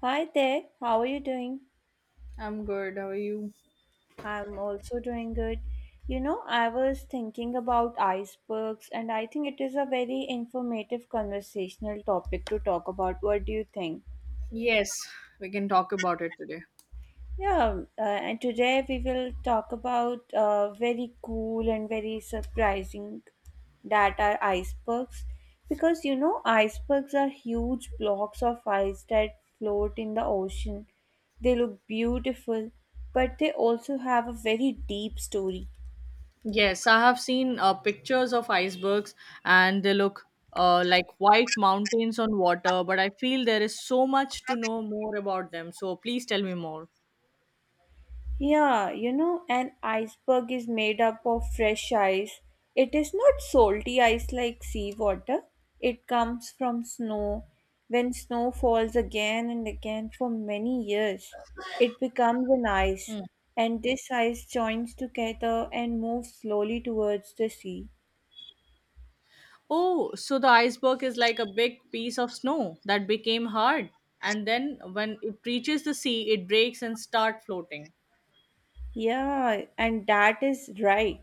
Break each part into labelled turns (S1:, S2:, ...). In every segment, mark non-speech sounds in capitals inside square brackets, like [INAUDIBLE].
S1: Hi there, how are you doing?
S2: I'm good. How are you?
S1: I'm also doing good. You know, I was thinking about icebergs, and I think it is a very informative conversational topic to talk about. What do you think?
S2: Yes, we can talk about it today.
S1: Yeah, and today we will talk about very cool and very surprising that are icebergs because you know icebergs are huge blocks of ice that float in the ocean. They look beautiful, but they also have a very deep story.
S2: Yes, I have seen pictures of icebergs and they look like white mountains on water, but I feel there is so much to know more about them. So please tell me more.
S1: Yeah, you know, an iceberg is made up of fresh ice. It is not salty ice like seawater. It comes from snow. When snow falls again and again for many years, it becomes an ice, and this ice joins together and moves slowly towards the sea.
S2: Oh, so the iceberg is like a big piece of snow that became hard, and then when it reaches the sea, it breaks and start floating.
S1: Yeah, and that is right.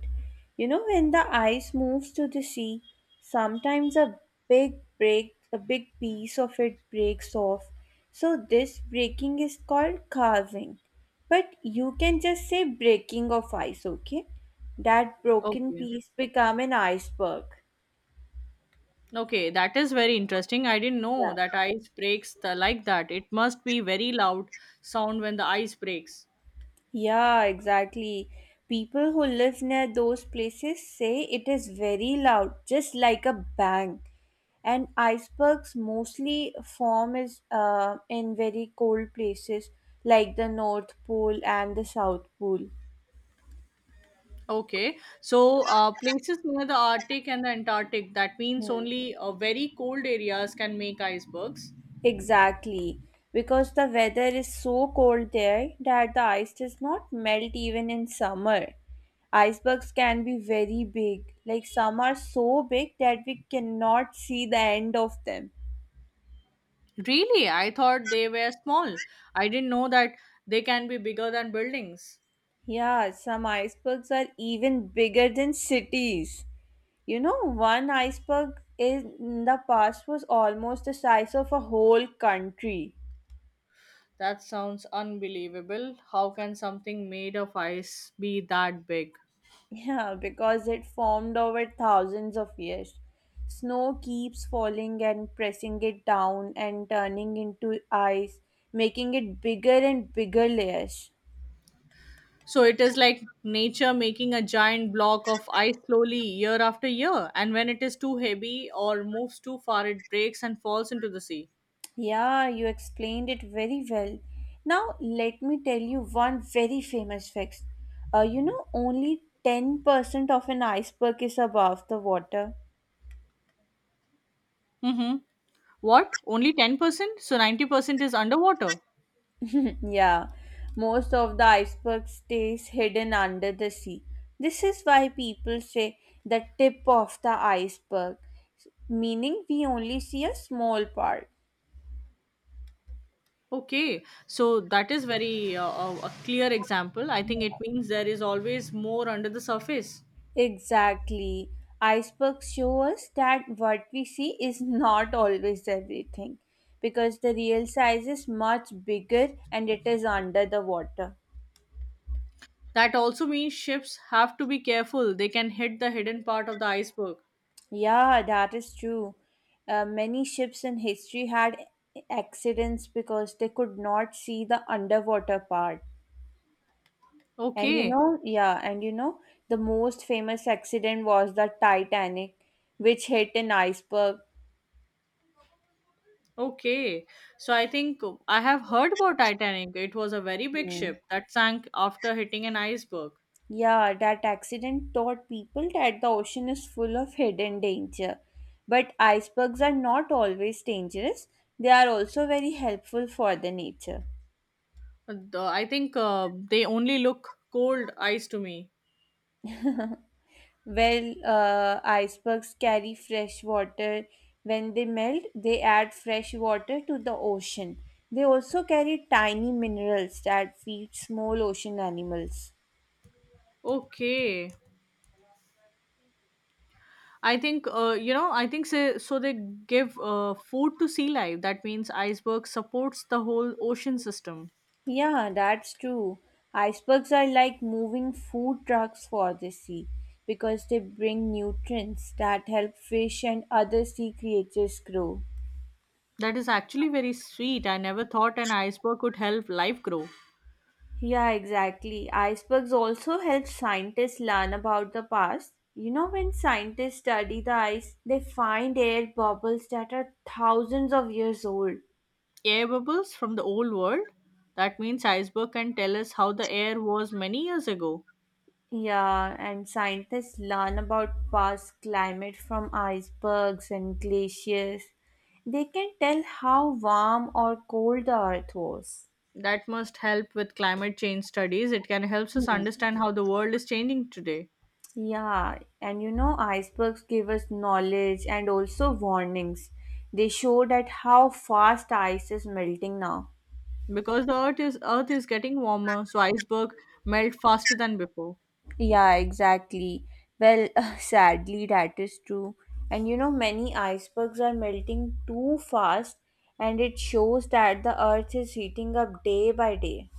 S1: You know, when the ice moves to the sea, sometimes a a big piece of it breaks off. So this breaking is called carving. But you can just say breaking of ice, okay? That broken
S2: Okay.
S1: piece become an iceberg.
S2: Okay, that is very interesting. I didn't
S1: Yeah.
S2: know that ice breaks the, like that. It must be very loud sound when the ice breaks.
S1: Yeah, exactly. People who live near those places say it is very loud, just like a bang. And icebergs mostly form is in very cold places like the North Pole and the South Pole.
S2: Okay, so places near the Arctic and the Antarctic, that means
S1: Hmm.
S2: only very cold areas can make icebergs.
S1: Exactly, because the weather is so cold there that the ice does not melt even in summer. Icebergs can be very big, like some are so big that we cannot see the end of them.
S2: Really? I thought they were small. I didn't know that they can be bigger than buildings.
S1: Yeah, some icebergs are even bigger than cities. You know, one iceberg in the past was almost the size of a whole country.
S2: That sounds unbelievable. How can something made of ice be that big?
S1: Yeah, because it formed over thousands of years. Snow keeps falling and pressing it down and turning into ice, making it bigger and bigger layers.
S2: So it is like nature making a giant block of ice slowly year after year, and when it is too heavy or moves too far, it breaks and falls into the sea.
S1: Yeah, you explained it very well. Now, let me tell you one very famous fact. Only 10% of an iceberg is above the water.
S2: Mm-hmm. What? Only 10%? So 90% is underwater.
S1: [LAUGHS] Yeah, most of the iceberg stays hidden under the sea. This is why people say the tip of the iceberg, meaning we only see a small part.
S2: Okay, so that is very a clear example. I think it means there is always more under the surface.
S1: Exactly. Icebergs show us that what we see is not always everything because the real size is much bigger and it is under the water.
S2: That also means ships have to be careful. They can hit the hidden part of the iceberg.
S1: Yeah, that is true. Many ships in history had accidents because they could not see the underwater part. And you
S2: Okay.
S1: know, yeah, and you know, the most famous accident was the Titanic, which hit an iceberg.
S2: Okay, so I think I have heard about Titanic. It was a very big
S1: Hmm.
S2: ship that sank after hitting an iceberg.
S1: Yeah, that accident taught people that the ocean is full of hidden danger. But icebergs are not always dangerous, they are also very helpful for the nature.
S2: I think they only look cold ice to me.
S1: Well, icebergs carry fresh water. When they melt, they add fresh water to the ocean. They also carry tiny minerals that feed small ocean animals.
S2: Okay, I think I think so. So they give food to sea life. That means iceberg supports the whole ocean system.
S1: Yeah, that's true. Icebergs are like moving food trucks for the sea because they bring nutrients that help fish and other sea creatures grow.
S2: That is actually very sweet. I never thought an iceberg could help life grow.
S1: Yeah, exactly. Icebergs also help scientists learn about the past. You know, when scientists study the ice, they find air bubbles that are thousands of years old.
S2: Air bubbles from the old world. That means iceberg can tell us how the air was many years ago.
S1: Yeah, and scientists learn about past climate from icebergs and glaciers. They can tell how warm or cold the earth was.
S2: That must help with climate change studies. It can help us
S1: Hmm.
S2: understand how the world is changing today
S1: Yeah, and you know, icebergs give us knowledge and also warnings. They show that how fast ice is melting now.
S2: because the earth is getting warmer, so iceberg melt faster than before.
S1: Yeah, exactly. Well, [LAUGHS] sadly, that is true. And you know, many icebergs are melting too fast, and it shows that the earth is heating up day by day.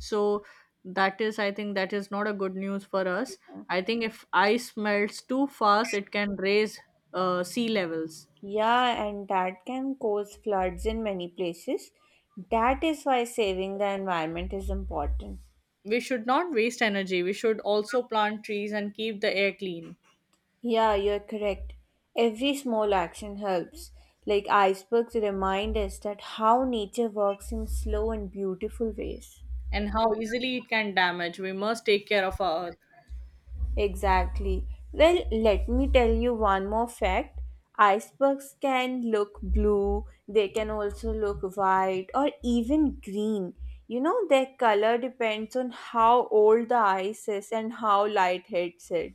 S2: So that is I think that is not a good news for us. I think if ice melts too fast, it can raise sea levels.
S1: Yeah, and that can cause floods in many places. That is why saving the environment is important.
S2: We should not waste energy. We should also plant trees and keep the air clean.
S1: Yeah, you're correct. Every small action helps. Like icebergs remind us that how nature works in slow and beautiful ways.
S2: And how easily it can damage. We must take care of our earth.
S1: Exactly. Well, let me tell you one more fact. Icebergs can look blue, they can also look white or even green. You know, their color depends on how old the ice is and how light hits it.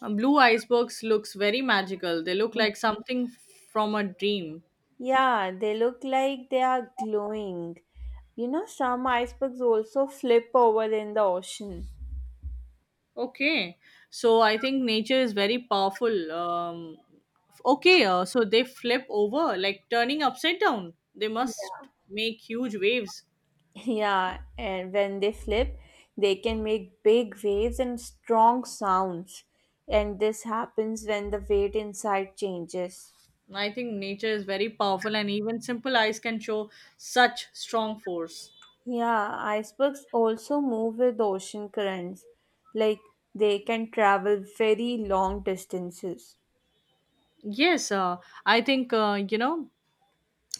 S2: Blue icebergs looks very magical. They look like something from a dream.
S1: Yeah, they look like they are glowing. You know, some icebergs also flip over in the ocean.
S2: Okay, so I think nature is very powerful. So they flip over like turning upside down. They must make huge waves.
S1: [LAUGHS] Yeah, and when they flip, they can make big waves and strong sounds. And this happens when the weight inside changes.
S2: I think nature is very powerful, and even simple ice can show such strong force.
S1: Yeah, icebergs also move with ocean currents. Like they can travel very long distances.
S2: Yes, I think uh, you know,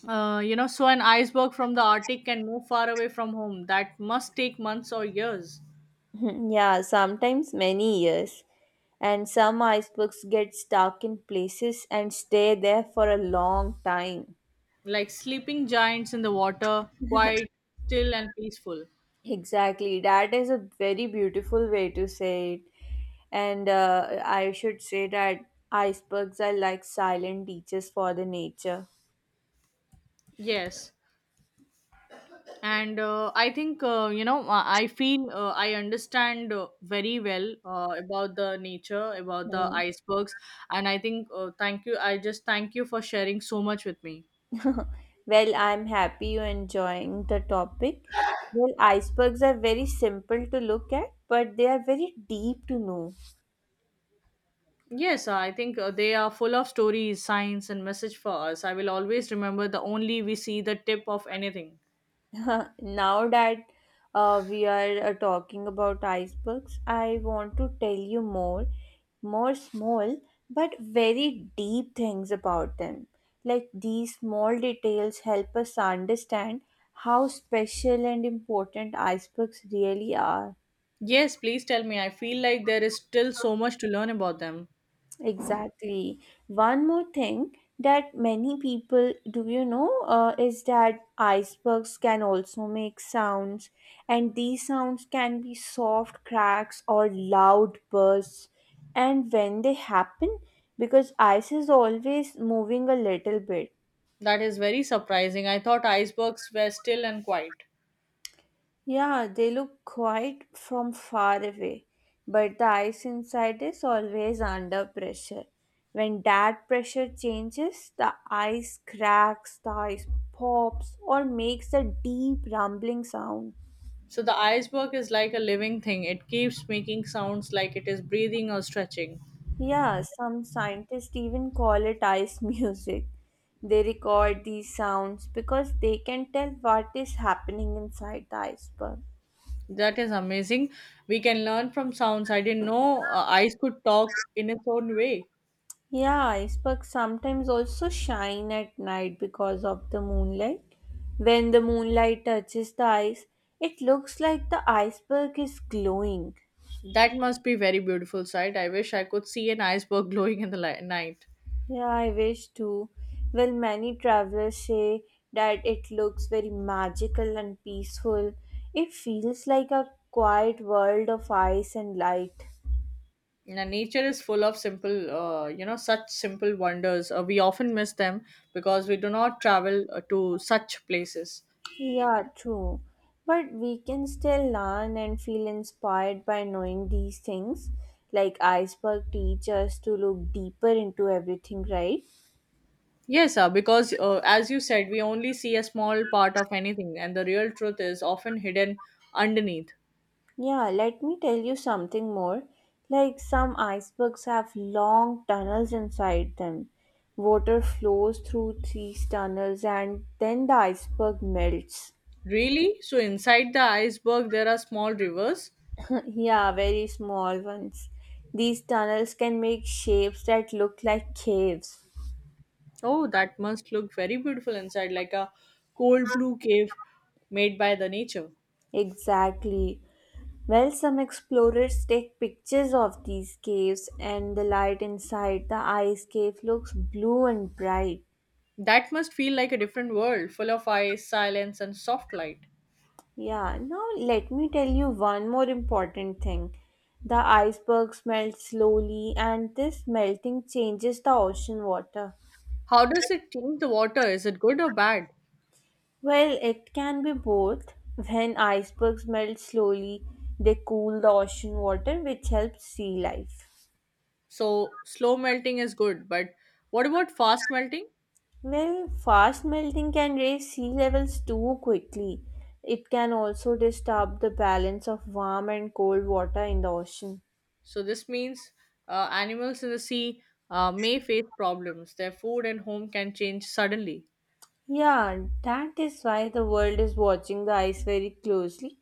S2: uh, you know. So an iceberg from the Arctic can move far away from home. That must take months or years.
S1: [LAUGHS] Mhm. Yeah, sometimes many years. And some icebergs get stuck in places and stay there for a long time.
S2: Like sleeping giants in the water, quiet, still, and peaceful.
S1: Exactly. That is a very beautiful way to say it. And I should say that icebergs are like silent teachers for the nature.
S2: Yes. And I think, I feel I understand very well about the nature, about the
S1: Hmm.
S2: icebergs. And I think, thank you. I just thank you for sharing so much with me.
S1: [LAUGHS] Well, I'm happy you're enjoying the topic. Well, icebergs are very simple to look at, but they are very deep to know.
S2: Yes, I think they are full of stories, science, and message for us. I will always remember the only we see the tip of anything.
S1: [LAUGHS] Now that we are talking about icebergs, I want to tell you more small but very deep things about them. Like these small details help us understand how special and important icebergs really are.
S2: Yes, please tell me. I feel like there is still so much to learn about them.
S1: Exactly. One more thing that many people do you know is that icebergs can also make sounds, and these sounds can be soft cracks or loud bursts. And when they happen, because ice is always moving a little bit,
S2: That is very surprising. I thought icebergs were still and quiet.
S1: yeah, they look quite from far away, but the ice inside is always under pressure. When that pressure changes, the ice cracks, the ice pops, or makes a deep rumbling sound.
S2: So the iceberg is like a living thing. It keeps making sounds like it is breathing or stretching.
S1: Yeah, some scientists even call it ice [LAUGHS] music. They record these sounds because they can tell what is happening inside the iceberg.
S2: That is amazing. We can learn from sounds. I didn't know ice could talk in its own way.
S1: Yeah, icebergs sometimes also shine at night because of the moonlight. When the moonlight touches the ice, it looks like the iceberg is glowing.
S2: That must be very beautiful sight. I wish I could see an iceberg [LAUGHS] glowing in the night.
S1: Yeah, I wish too. Well, many travelers say that it looks very magical and peaceful. It feels like a quiet world of ice and light.
S2: Now, nature is full of simple, such simple wonders. We often miss them because we do not travel to such places.
S1: Yeah, true. But we can still learn and feel inspired by knowing these things. Like iceberg teach us to look deeper into everything, right?
S2: Yes, sir, because as you said, we only see a small part of anything, and the real truth is often hidden underneath.
S1: Yeah, let me tell you something more. Like some icebergs have long tunnels inside them. Water flows through these tunnels and then the iceberg melts.
S2: Really? So, inside the iceberg, there are small rivers?
S1: [LAUGHS] Yeah, very small ones. These tunnels can make shapes that look like caves.
S2: Oh, that must look very beautiful inside, like a cold blue cave made by the nature.
S1: Exactly. Well, some explorers take pictures of these caves, and the light inside the ice cave looks blue and bright.
S2: That must feel like a different world, full of ice, silence, and soft light.
S1: Yeah, now let me tell you one more important thing. The icebergs melt slowly, and this melting changes the ocean water.
S2: How does it change the water? Is it good or bad?
S1: Well, it can be both. When icebergs melt slowly, they cool the ocean water, which helps sea life.
S2: So, slow melting is good, but what about fast melting?
S1: Well, fast melting can raise sea levels too quickly. It can also disturb the balance of warm and cold water in the ocean.
S2: So this means animals in the sea may face problems. Their food and home can change suddenly.
S1: Yeah, that is why the world is watching the ice very closely.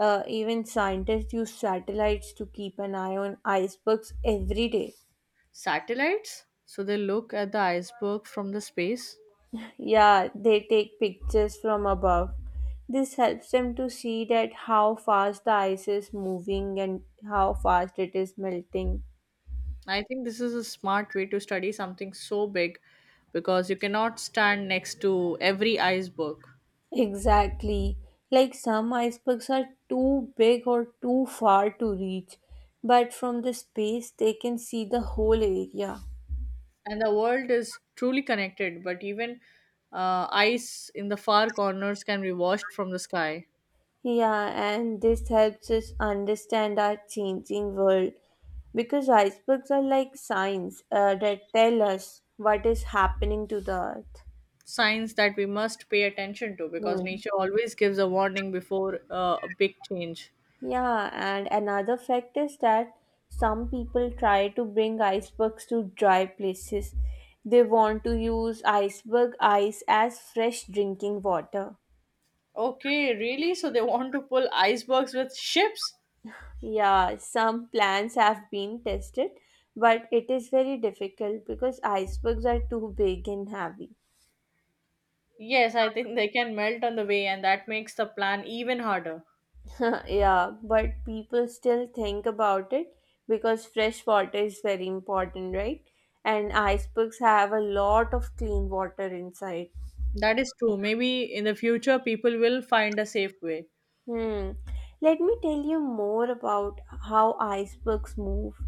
S1: Even scientists use satellites to keep an eye on icebergs every day.
S2: Satellites, so they look at the iceberg from the space.
S1: Yeah, they take pictures from above. This helps them to see that how fast the ice is moving and how fast it is melting.
S2: I think this is a smart way to study something so big because you cannot stand next to every iceberg.
S1: Exactly. Like some icebergs are too big or too far to reach, but from the space they can see the whole area.
S2: And the world is truly connected, but even ice in the far corners can be watched from the sky.
S1: Yeah, and this helps us understand our changing world because icebergs are like signs that tell us what is happening to the earth.
S2: Signs that we must pay attention to because
S1: Hmm.
S2: nature always gives a warning before a big change.
S1: Yeah, and another fact is that some people try to bring icebergs to dry places. They want to use iceberg ice as fresh drinking water.
S2: Okay, really? So they want to pull icebergs with ships?
S1: Yeah, some plans have been tested, but it is very difficult because icebergs are too big and heavy.
S2: Yes, I think they can melt on the way, and that makes the plan even harder.
S1: [LAUGHS] Yeah, but people still think about it because fresh water is very important, right? And icebergs have a lot of clean water inside.
S2: That is true. Maybe in the future, people will find a safe way.
S1: Hmm. Let me tell you more about how icebergs move.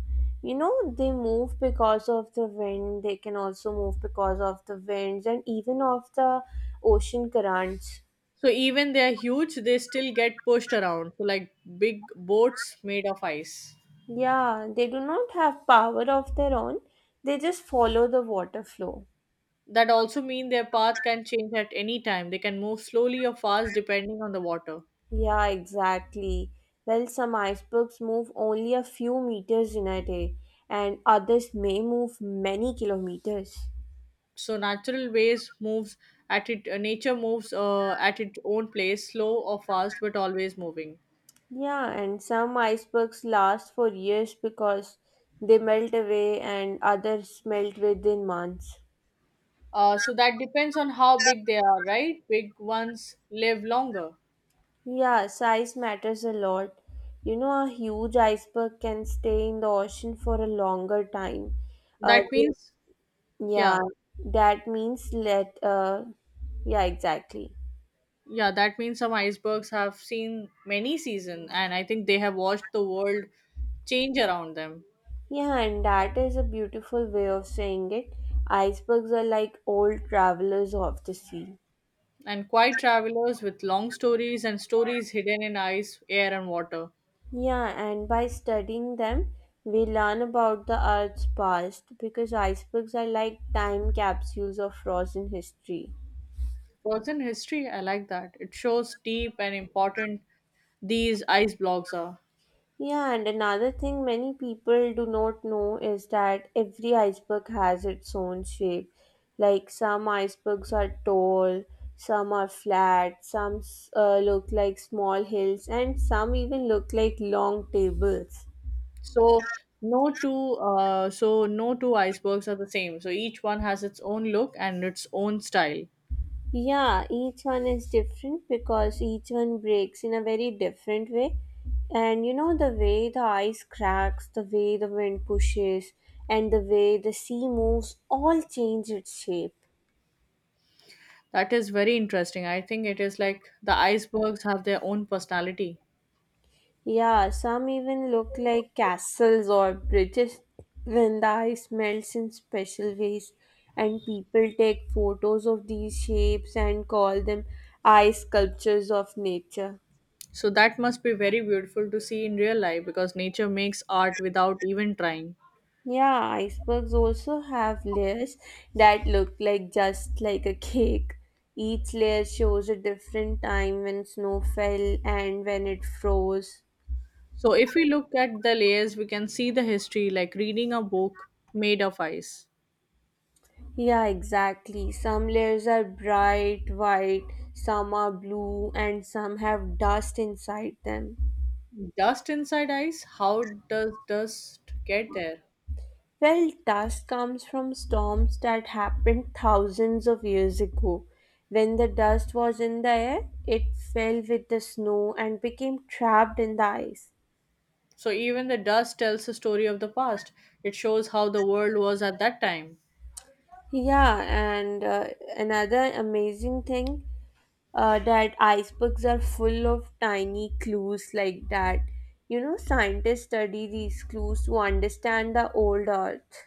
S1: You know, they can also move because of the winds and even of the ocean currents.
S2: So even they are huge, they still get pushed around. So like big boats made of ice.
S1: Yeah, they do not have power of their own, they just follow the water flow.
S2: That also mean their path can change at any time. They can move slowly or fast depending on the water.
S1: Yeah, exactly. Well, some icebergs move only a few meters in a day, and others may move many kilometers.
S2: So natural ways moves at it nature moves at its own pace, slow or fast, but always moving.
S1: Yeah, and some icebergs last for years because they melt away and others melt within months.
S2: So that depends on how big they are, right? Big ones live longer.
S1: Yeah, size matters a lot. You know, a huge iceberg can stay in the ocean for a longer time. Uh,
S2: That
S1: th-
S2: means
S1: yeah,
S2: yeah,
S1: that means yeah, exactly.
S2: yeah, that means some icebergs have seen many seasons, and I think they have watched the world change around them.
S1: Yeah, and that is a beautiful way of saying it. Icebergs are like old travelers of the sea.
S2: And quiet travelers with long stories and stories hidden in ice, air, and water.
S1: Yeah, and by studying them, we learn about the Earth's past because icebergs are like time capsules of frozen history.
S2: Frozen history, I like that. It shows deep and important these ice blocks are.
S1: Yeah, and another thing many people do not know is that every iceberg has its own shape. Like some icebergs are tall, some are flat, look like small hills, and some even look like long tables.
S2: So so no two icebergs are the same. So each one has its own look and its own style.
S1: Yeah, each one is different because each one breaks in a very different way. And you know, the way the ice cracks, the way the wind pushes, and the way the sea moves all change its shape.
S2: That is very interesting. I think it is like the icebergs have their own personality.
S1: Yeah, some even look like castles or bridges when the ice melts in special ways. And people take photos of these shapes and call them ice sculptures of nature.
S2: So that must be very beautiful to see in real life because nature makes art without even trying.
S1: Yeah, icebergs also have layers that look like just like a cake. Each layer shows a different time when snow fell and when it froze.
S2: So if we look at the layers, we can see the history like reading a book made of ice.
S1: Yeah, exactly. Some layers are bright white, some are blue, and some have dust inside them.
S2: Dust inside ice? How does dust get there?
S1: Well, dust comes from storms that happened thousands of years ago. When the dust was in the air, it fell with the snow and became trapped in the ice.
S2: So even the dust tells a story of the past. It shows how the world was at that time.
S1: Yeah, and another amazing thing that icebergs are full of tiny clues like that. You know, scientists study these clues to understand the old Earth.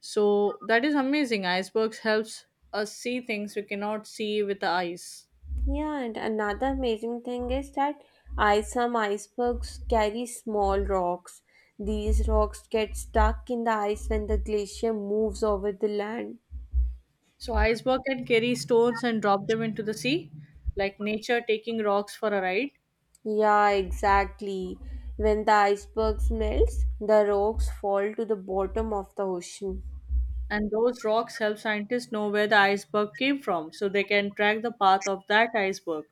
S2: So that is amazing. Icebergs helps us see things we cannot see with the eyes.
S1: Yeah, and another amazing thing is that some icebergs carry small rocks. These rocks get stuck in the ice when the glacier moves over the land.
S2: So iceberg can carry stones and drop them into the sea, like nature taking rocks for a ride.
S1: Yeah, exactly. When the icebergs melts, the rocks fall to the bottom of the ocean.
S2: And those rocks help scientists know where the iceberg came from, so they can track the path of that iceberg.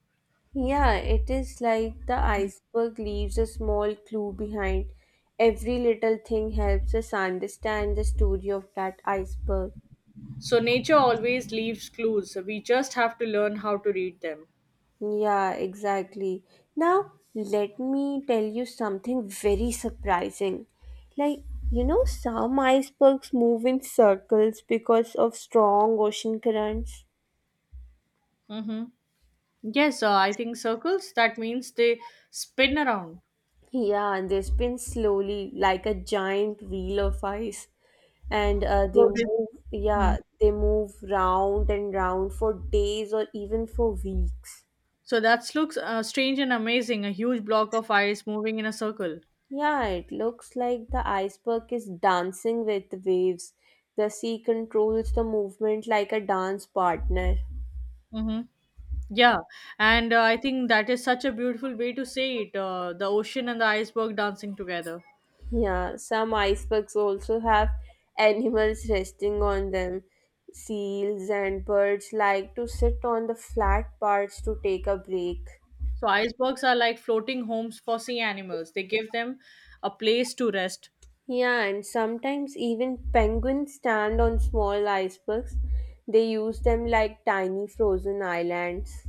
S1: Yeah, it is like the iceberg leaves a small clue behind. Every little thing helps us understand the story of that iceberg.
S2: So nature always leaves clues. We just have to learn how to read them.
S1: Yeah, exactly. Now, let me tell you something very surprising. Like, you know, some icebergs move in circles because of strong ocean currents.
S2: Mm-hmm. Yes, I think circles. That means they spin around.
S1: Yeah, and they spin slowly like a giant wheel of ice. And they
S2: So they.
S1: move, yeah,
S2: Mhm.
S1: they move round and round for days or even for weeks.
S2: So that looks strange and amazing. A huge block of ice moving in a circle.
S1: Yeah, it looks like the iceberg is dancing with the waves. The sea controls the movement like a dance partner.
S2: Mm-hmm. Yeah, and I think that is such a beautiful way to say it. The ocean and the iceberg dancing together.
S1: Yeah, some icebergs also have animals resting on them. Seals and birds like to sit on the flat parts to take a break.
S2: So icebergs are like floating homes for sea animals. They give them a place to rest.
S1: Yeah, and sometimes even penguins stand on small icebergs. They use them like tiny frozen islands.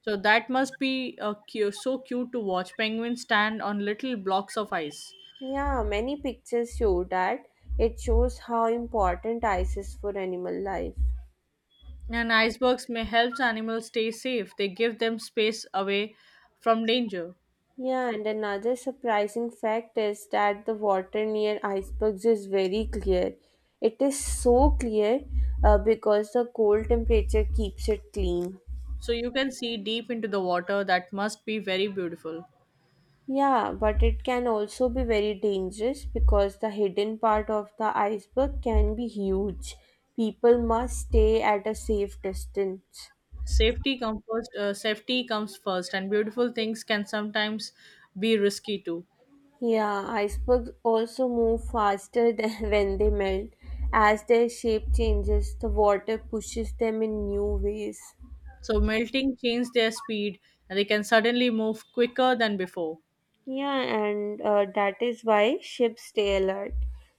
S2: So that must be so cute to watch penguins stand on little blocks of ice.
S1: Yeah, many pictures show that. It shows how important ice is for animal life.
S2: And icebergs may help animals stay safe. They give them space away from danger.
S1: Yeah, and another surprising fact is that the water near icebergs is very clear. It is so clear because the cold temperature keeps it clean.
S2: So you can see deep into the water. That must be very beautiful.
S1: Yeah, but it can also be very dangerous because the hidden part of the iceberg can be huge. People must stay at a safe distance.
S2: Safety comes first. Safety comes first, and beautiful things can sometimes be risky too.
S1: Yeah, icebergs also move faster than [LAUGHS] when they melt. As their shape changes, the water pushes them in new ways.
S2: So melting changes their speed, and they can suddenly move quicker than before.
S1: Yeah, and that is why ships stay alert.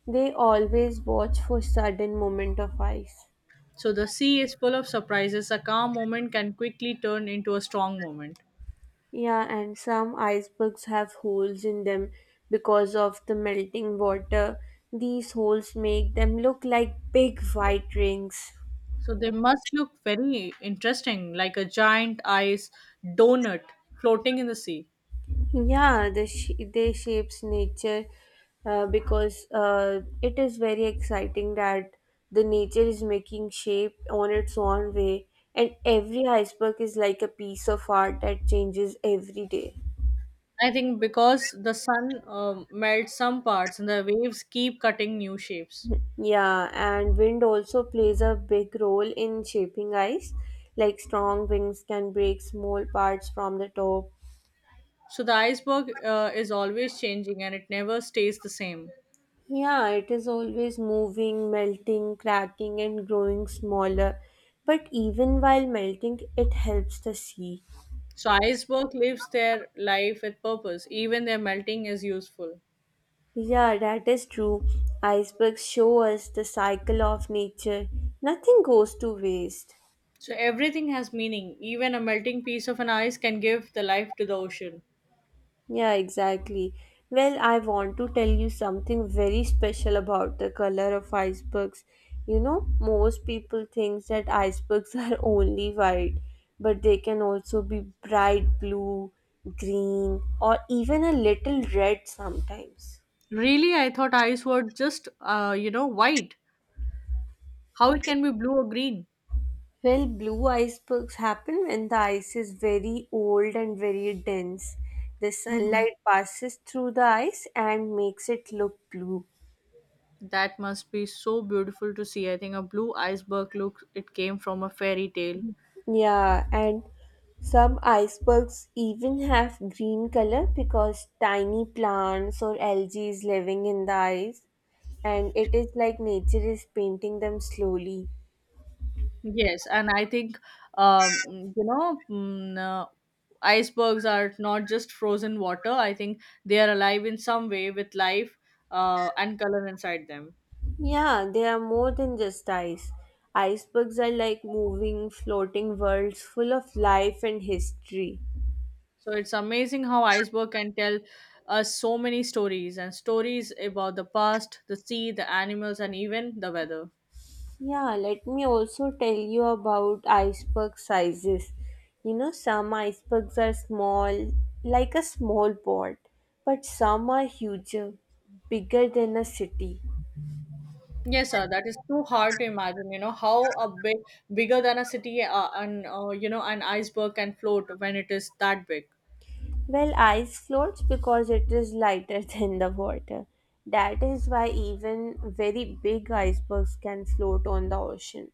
S1: They always watch for sudden moment of ice.
S2: So the sea is full of surprises. A calm moment can quickly turn into a strong moment.
S1: Yeah, and some icebergs have holes in them because of the melting water. These holes make them look like big white rings.
S2: So they must look very interesting, like a giant ice donut floating in the sea.
S1: Yeah, they shapes nature because it is very exciting that the nature is making shape on its own way, and every iceberg is like a piece of art that changes every day.
S2: I think because the sun melts some parts and the waves keep cutting new shapes.
S1: Yeah, and wind also plays a big role in shaping ice. Like strong winds can break small parts from the top.
S2: So the iceberg is always changing and it never stays the same.
S1: Yeah, it is always moving, melting, cracking, and growing smaller. But even while melting, it helps the sea.
S2: So iceberg lives their life with purpose. Even their melting is useful.
S1: Yeah, that is true. Icebergs show us the cycle of nature. Nothing goes to waste.
S2: So everything has meaning. Even a melting piece of an ice can give the life to the ocean.
S1: Yeah, exactly. Well, I want to tell you something very special about the color of icebergs. You know, most people think that icebergs [LAUGHS] are only white, but they can also be bright blue, green, or even a little red sometimes.
S2: Really, I thought ice were just, white. How it can be blue or green?
S1: Well, blue icebergs happen when the ice is very old and very dense. The
S2: Mhm.
S1: sunlight passes through the ice and makes it look blue.
S2: That must be so beautiful to see. I think a blue iceberg look. It came from a fairy tale.
S1: Yeah, and some icebergs even have green color because tiny plants or algae is living in the ice, and it is like nature is painting them slowly.
S2: Yes, and I think, um, you know, mm, uh, icebergs are not just frozen water. I think they are alive in some way with life and color inside them.
S1: Yeah, they are more than just ice. Icebergs are like moving, floating worlds full of life and history.
S2: So it's amazing how iceberg can tell us so many stories and stories about the past, the sea, the animals, and even the weather.
S1: Yeah, let me also tell you about iceberg sizes. You know, some icebergs are small, like a small pond, but some are huger, bigger than a city.
S2: Yes, sir. That is too hard to imagine. You know how a big, bigger than a city, and an iceberg can float when it is that big.
S1: Well, ice floats because it is lighter [LAUGHS] than the water. That is why even very big icebergs can float on the ocean.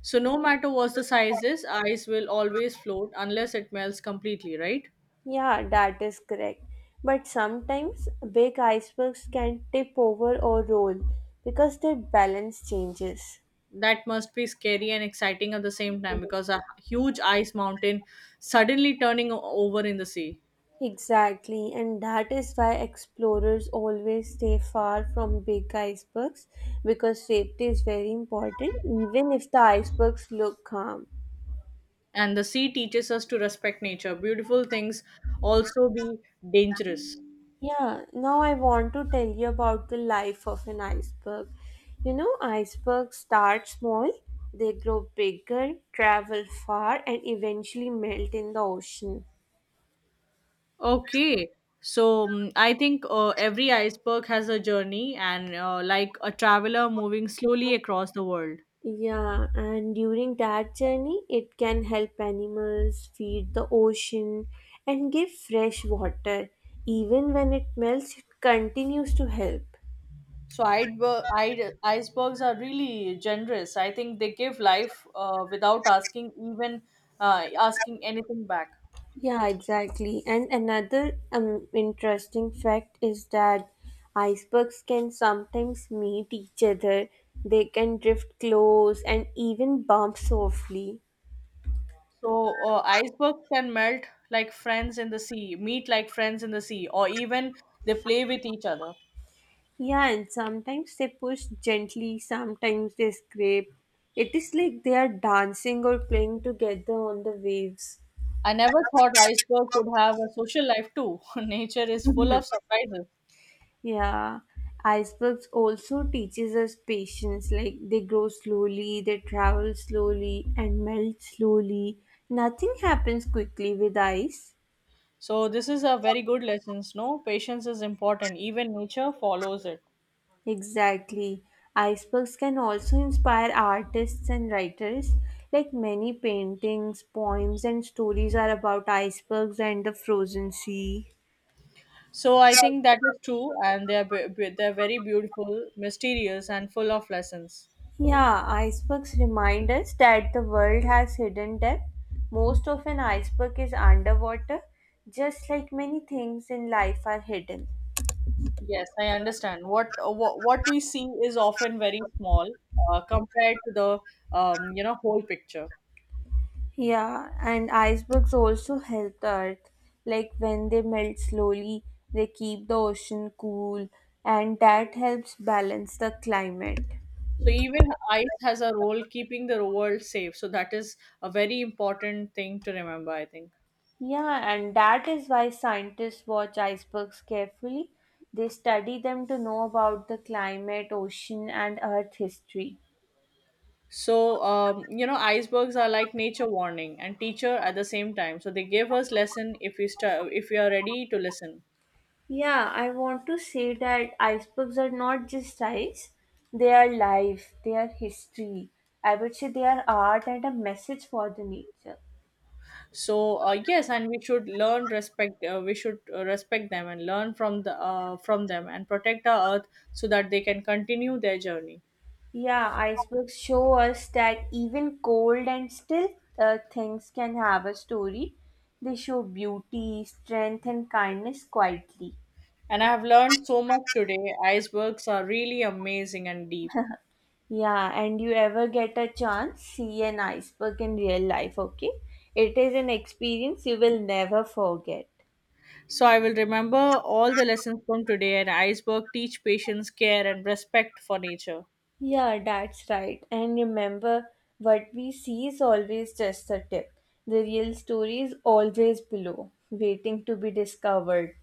S2: So no matter what the size is, ice will always float unless it melts completely, right?
S1: Yeah, that is correct. But sometimes big icebergs can tip over or roll because their balance changes.
S2: That must be scary and exciting at the same time because a huge ice mountain suddenly turning over in the sea.
S1: Exactly, and that is why explorers always stay far from big icebergs because safety is very important, even if the icebergs look calm.
S2: And the sea teaches us to respect nature. Beautiful things also be dangerous.
S1: Yeah, now I want to tell you about the life of an iceberg. You know, icebergs start small, they grow bigger, travel far, and eventually melt in the ocean.
S2: Okay. So I think every iceberg has a journey and like a traveler moving slowly across the world.
S1: Yeah, and during that journey, it can help animals feed the ocean and give fresh water. Even when it melts, it continues to help.
S2: So iceberg, icebergs are really generous. I think they give life without asking even asking anything back.
S1: Yeah, exactly. And another interesting fact is that icebergs can sometimes meet each other, they can drift close and even bump softly.
S2: So icebergs can melt like friends in the sea, meet like friends in the sea, or even they play with each other.
S1: Yeah, and sometimes they push gently, sometimes they scrape. It is like they are dancing or playing together on the waves.
S2: I never thought iceberg could have a social life too. [LAUGHS] Nature is full of surprises.
S1: Yeah, icebergs also teaches us patience. Like they grow slowly, they travel slowly and melt slowly. Nothing happens quickly with ice.
S2: So this is a very good lesson. No, patience is important. Even nature follows it.
S1: Exactly. Icebergs can also inspire artists and writers. Like many paintings, poems, and stories are about icebergs and the frozen sea.
S2: So I think that is true, and they are very beautiful, mysterious, and full of lessons.
S1: Yeah, icebergs remind us that the world has hidden depth. Most of an iceberg is underwater, just like many things in life are hidden.
S2: Yes, I understand. What we see is often very small compared to the whole picture.
S1: Yeah, and icebergs also help the earth. Like when they melt slowly, they keep the ocean cool, and that helps balance the climate.
S2: So even ice has a role keeping the world safe. So that is a very important thing to remember, I think.
S1: Yeah, and that is why scientists watch icebergs carefully. They study them to know about the climate, ocean, and earth history.
S2: So icebergs are like nature warning and teacher at the same time, so they give us lesson if if we are ready to listen.
S1: Yeah, I want to say that icebergs are not just ice, they are life, they are history. I would say they are art and a message for the nature.
S2: So yes, and we should learn respect. We should respect them and learn from the from them and protect our earth so that they can continue their journey.
S1: Yeah, icebergs show us that even cold and still things can have a story. They show beauty, strength, and kindness quietly.
S2: And I have learned so much today. Icebergs are really amazing and deep.
S1: Yeah, and you ever get a chance, see an iceberg in real life, okay? It is an experience you will never forget.
S2: So I will remember all the lessons from today, and iceberg teach patience, care, and respect for nature.
S1: Yeah, that's right. And remember, what we see is always just the tip. The real story is always below, waiting to be discovered.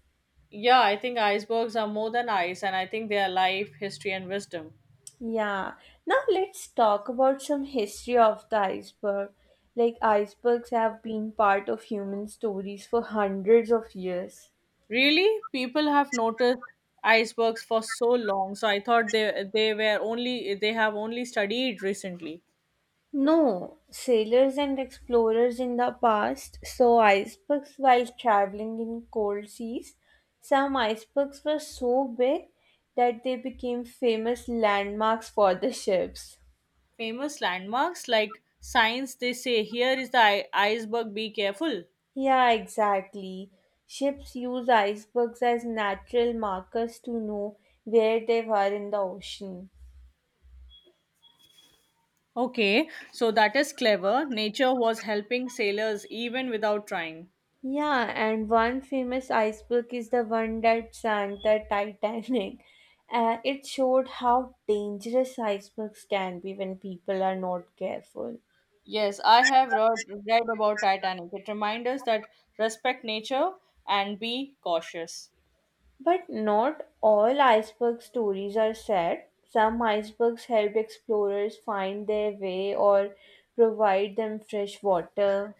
S2: Yeah, I think icebergs are more than ice, and I think they are life, history, and wisdom.
S1: Yeah. Now let's talk about some history of the iceberg. Like icebergs have been part of human stories for hundreds of years.
S2: Really, people have noticed icebergs for so long. So I thought they were only they have only studied recently.
S1: No, sailors and explorers in the past saw icebergs while traveling in cold seas. Some icebergs were so big that they became famous landmarks for the ships.
S2: Famous landmarks, like signs they say here is the iceberg, be careful.
S1: Yeah, exactly. Ships use icebergs as natural markers to know where they were in the ocean.
S2: Okay, so that is clever. Nature was helping sailors even without trying.
S1: Yeah, and one famous iceberg is the one that sank the Titanic. [LAUGHS] It showed how dangerous icebergs can be when people are not careful.
S2: Yes, I have read about Titanic. It reminds us that respect nature and be cautious.
S1: But not all iceberg stories are sad. Some icebergs help explorers find their way or provide them fresh water.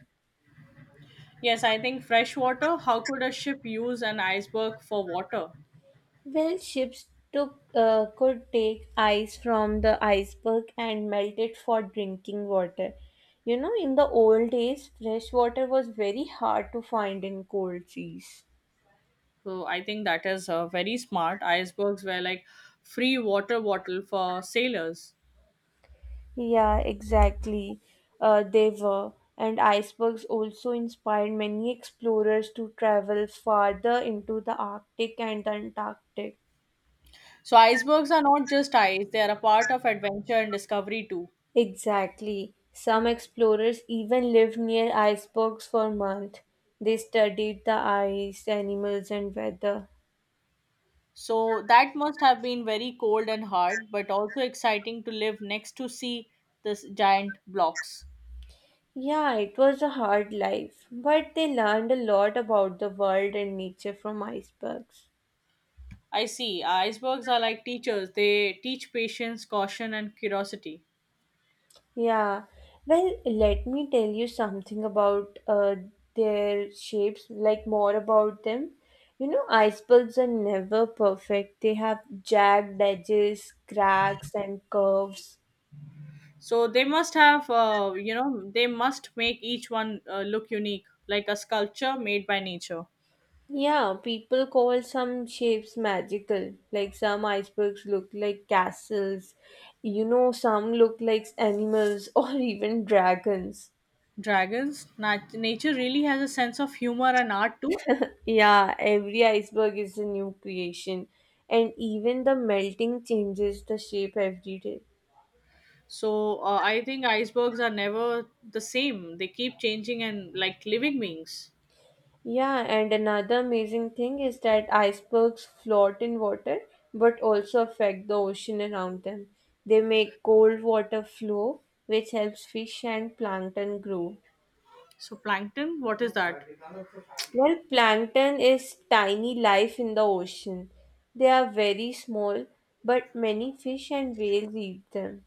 S2: Yes, I think fresh water. How could a ship use an iceberg for water?
S1: Well, ships took could take ice from the iceberg and melt it for drinking water. You know, in the old days, fresh water was very hard to find in cold seas.
S2: So I think that is very smart. Icebergs were like free water bottle for sailors.
S1: Yeah, exactly. They were. And icebergs also inspired many explorers to travel farther into the Arctic and the Antarctic.
S2: So icebergs are not just ice; they are a part of adventure and discovery too.
S1: Exactly. Some explorers even lived near icebergs for months. They studied the ice, animals, and weather.
S2: So that must have been very cold and hard, but also exciting to live next to see this giant blocks.
S1: Yeah, it was a hard life, but they learned a lot about the world and nature from icebergs.
S2: I see. Icebergs are like teachers. They teach patience, caution, and curiosity.
S1: Yeah, well, let me tell you something about their shapes, like more about them. You know, icebergs are never perfect. They have jagged edges, cracks, and curves.
S2: So they must have, they must make each one look unique, like a sculpture made by nature.
S1: Yeah, people call some shapes magical, like some icebergs look like castles, you know, some look like animals [LAUGHS] or even dragons.
S2: Dragons, nature really has a sense of humor and art too.
S1: Yeah, every iceberg is a new creation, and even the melting changes the shape every day.
S2: So I think icebergs are never the same. They keep changing and like living beings.
S1: Yeah, and another amazing thing is that icebergs float in water but also affect the ocean around them. They make cold water flow, which helps fish and plankton grow.
S2: So plankton, what is that?
S1: Well, plankton is tiny life in the ocean. They are very small, but many fish and whales eat them.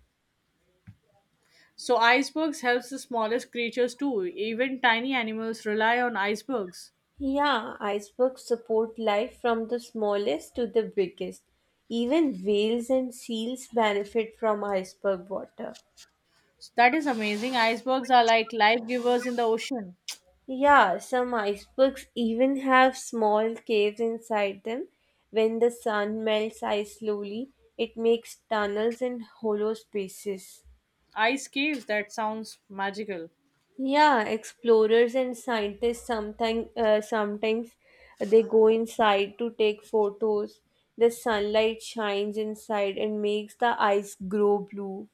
S2: So icebergs helps the smallest creatures too. Even tiny animals rely on icebergs.
S1: Yeah, icebergs support life from the smallest to the biggest. Even whales and seals benefit from iceberg water.
S2: So that is amazing. Icebergs are like life givers in the ocean.
S1: Yeah, some icebergs even have small caves inside them. When the sun melts ice slowly, it makes tunnels and hollow spaces.
S2: Ice caves, that sounds magical.
S1: Yeah, explorers and scientists sometimes they go inside to take photos. The sunlight shines inside and makes the ice grow blue.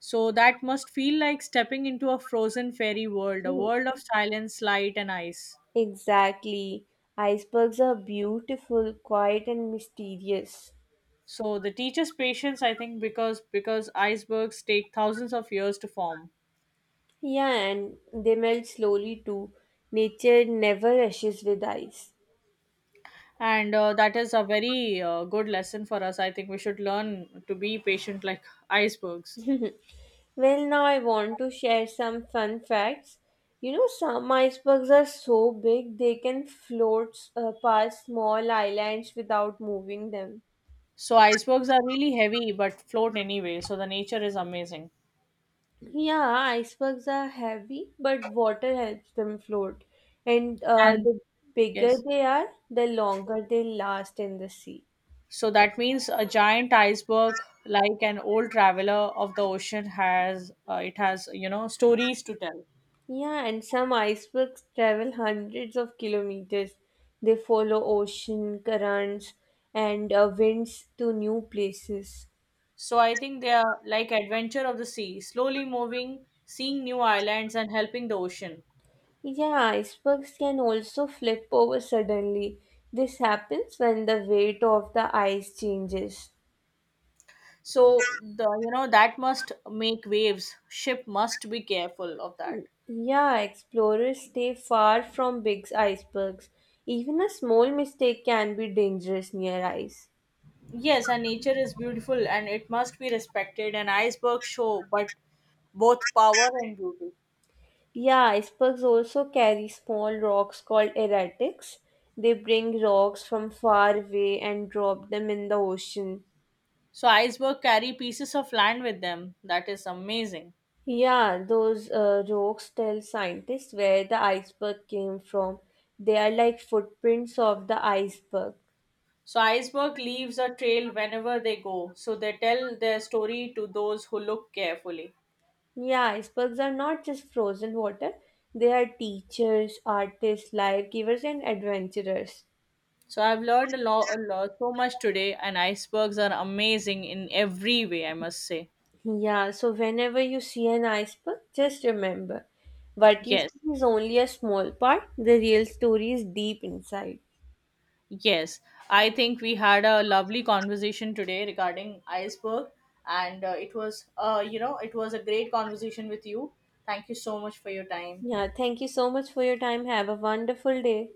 S2: So that must feel like stepping into a frozen fairy world, a
S1: Oh,
S2: world of silence, light, and ice.
S1: exactly. Icebergs are beautiful, quiet, and mysterious.
S2: So the teacher's patience, I think, because icebergs take thousands of years to form,
S1: Yeah, and they melt slowly too. Nature never rushes with ice.
S2: and that is a very good lesson for us. I think we should learn to be patient like icebergs.
S1: Well, now I want to share some fun facts. You know, some icebergs are so big they can float past small islands without moving them.
S2: So icebergs are really heavy but float anyway. So the nature is amazing,
S1: Yeah, icebergs are heavy, but water helps them float. And uh,
S2: and
S1: the bigger
S2: yes.
S1: they are, the longer they last in the sea.
S2: So that means a giant iceberg, like an old traveler of the ocean, has it has stories to tell.
S1: Yeah, and some icebergs travel hundreds of kilometers. They follow ocean currents and winds to new places.
S2: So I think they are like adventure of the sea, slowly moving, seeing new islands and helping the ocean.
S1: Yeah, icebergs can also flip over suddenly. This happens when the weight of the ice changes.
S2: So the you know that must make waves. Ship must be careful of that.
S1: Yeah, explorers stay far from big icebergs. Even a small mistake can be dangerous near ice.
S2: Yes, and nature is beautiful and it must be respected. An iceberg show, but both power and beauty.
S1: Yeah, icebergs also carry small rocks called erratics. They bring rocks from far away and drop them in the ocean.
S2: So iceberg carry pieces of land with them. That is amazing.
S1: Yeah, those rocks tell scientists where the iceberg came from. They are like footprints of the iceberg.
S2: So iceberg leaves a trail whenever they go, so they tell their story to those who look carefully.
S1: Yeah, icebergs are not just frozen water, they are teachers, artists, life givers, and adventurers.
S2: So I've learned a lot so much today, and icebergs are amazing in every way, I must say.
S1: Yeah, so whenever you see an iceberg, just remember what you
S2: Yes,
S1: see is only a small part, the real story is deep inside.
S2: yes. I think we had a lovely conversation today regarding iceberg, and it was, it was a great conversation with you. Thank you so much for your time.
S1: Yeah, thank you so much for your time. Have a wonderful day.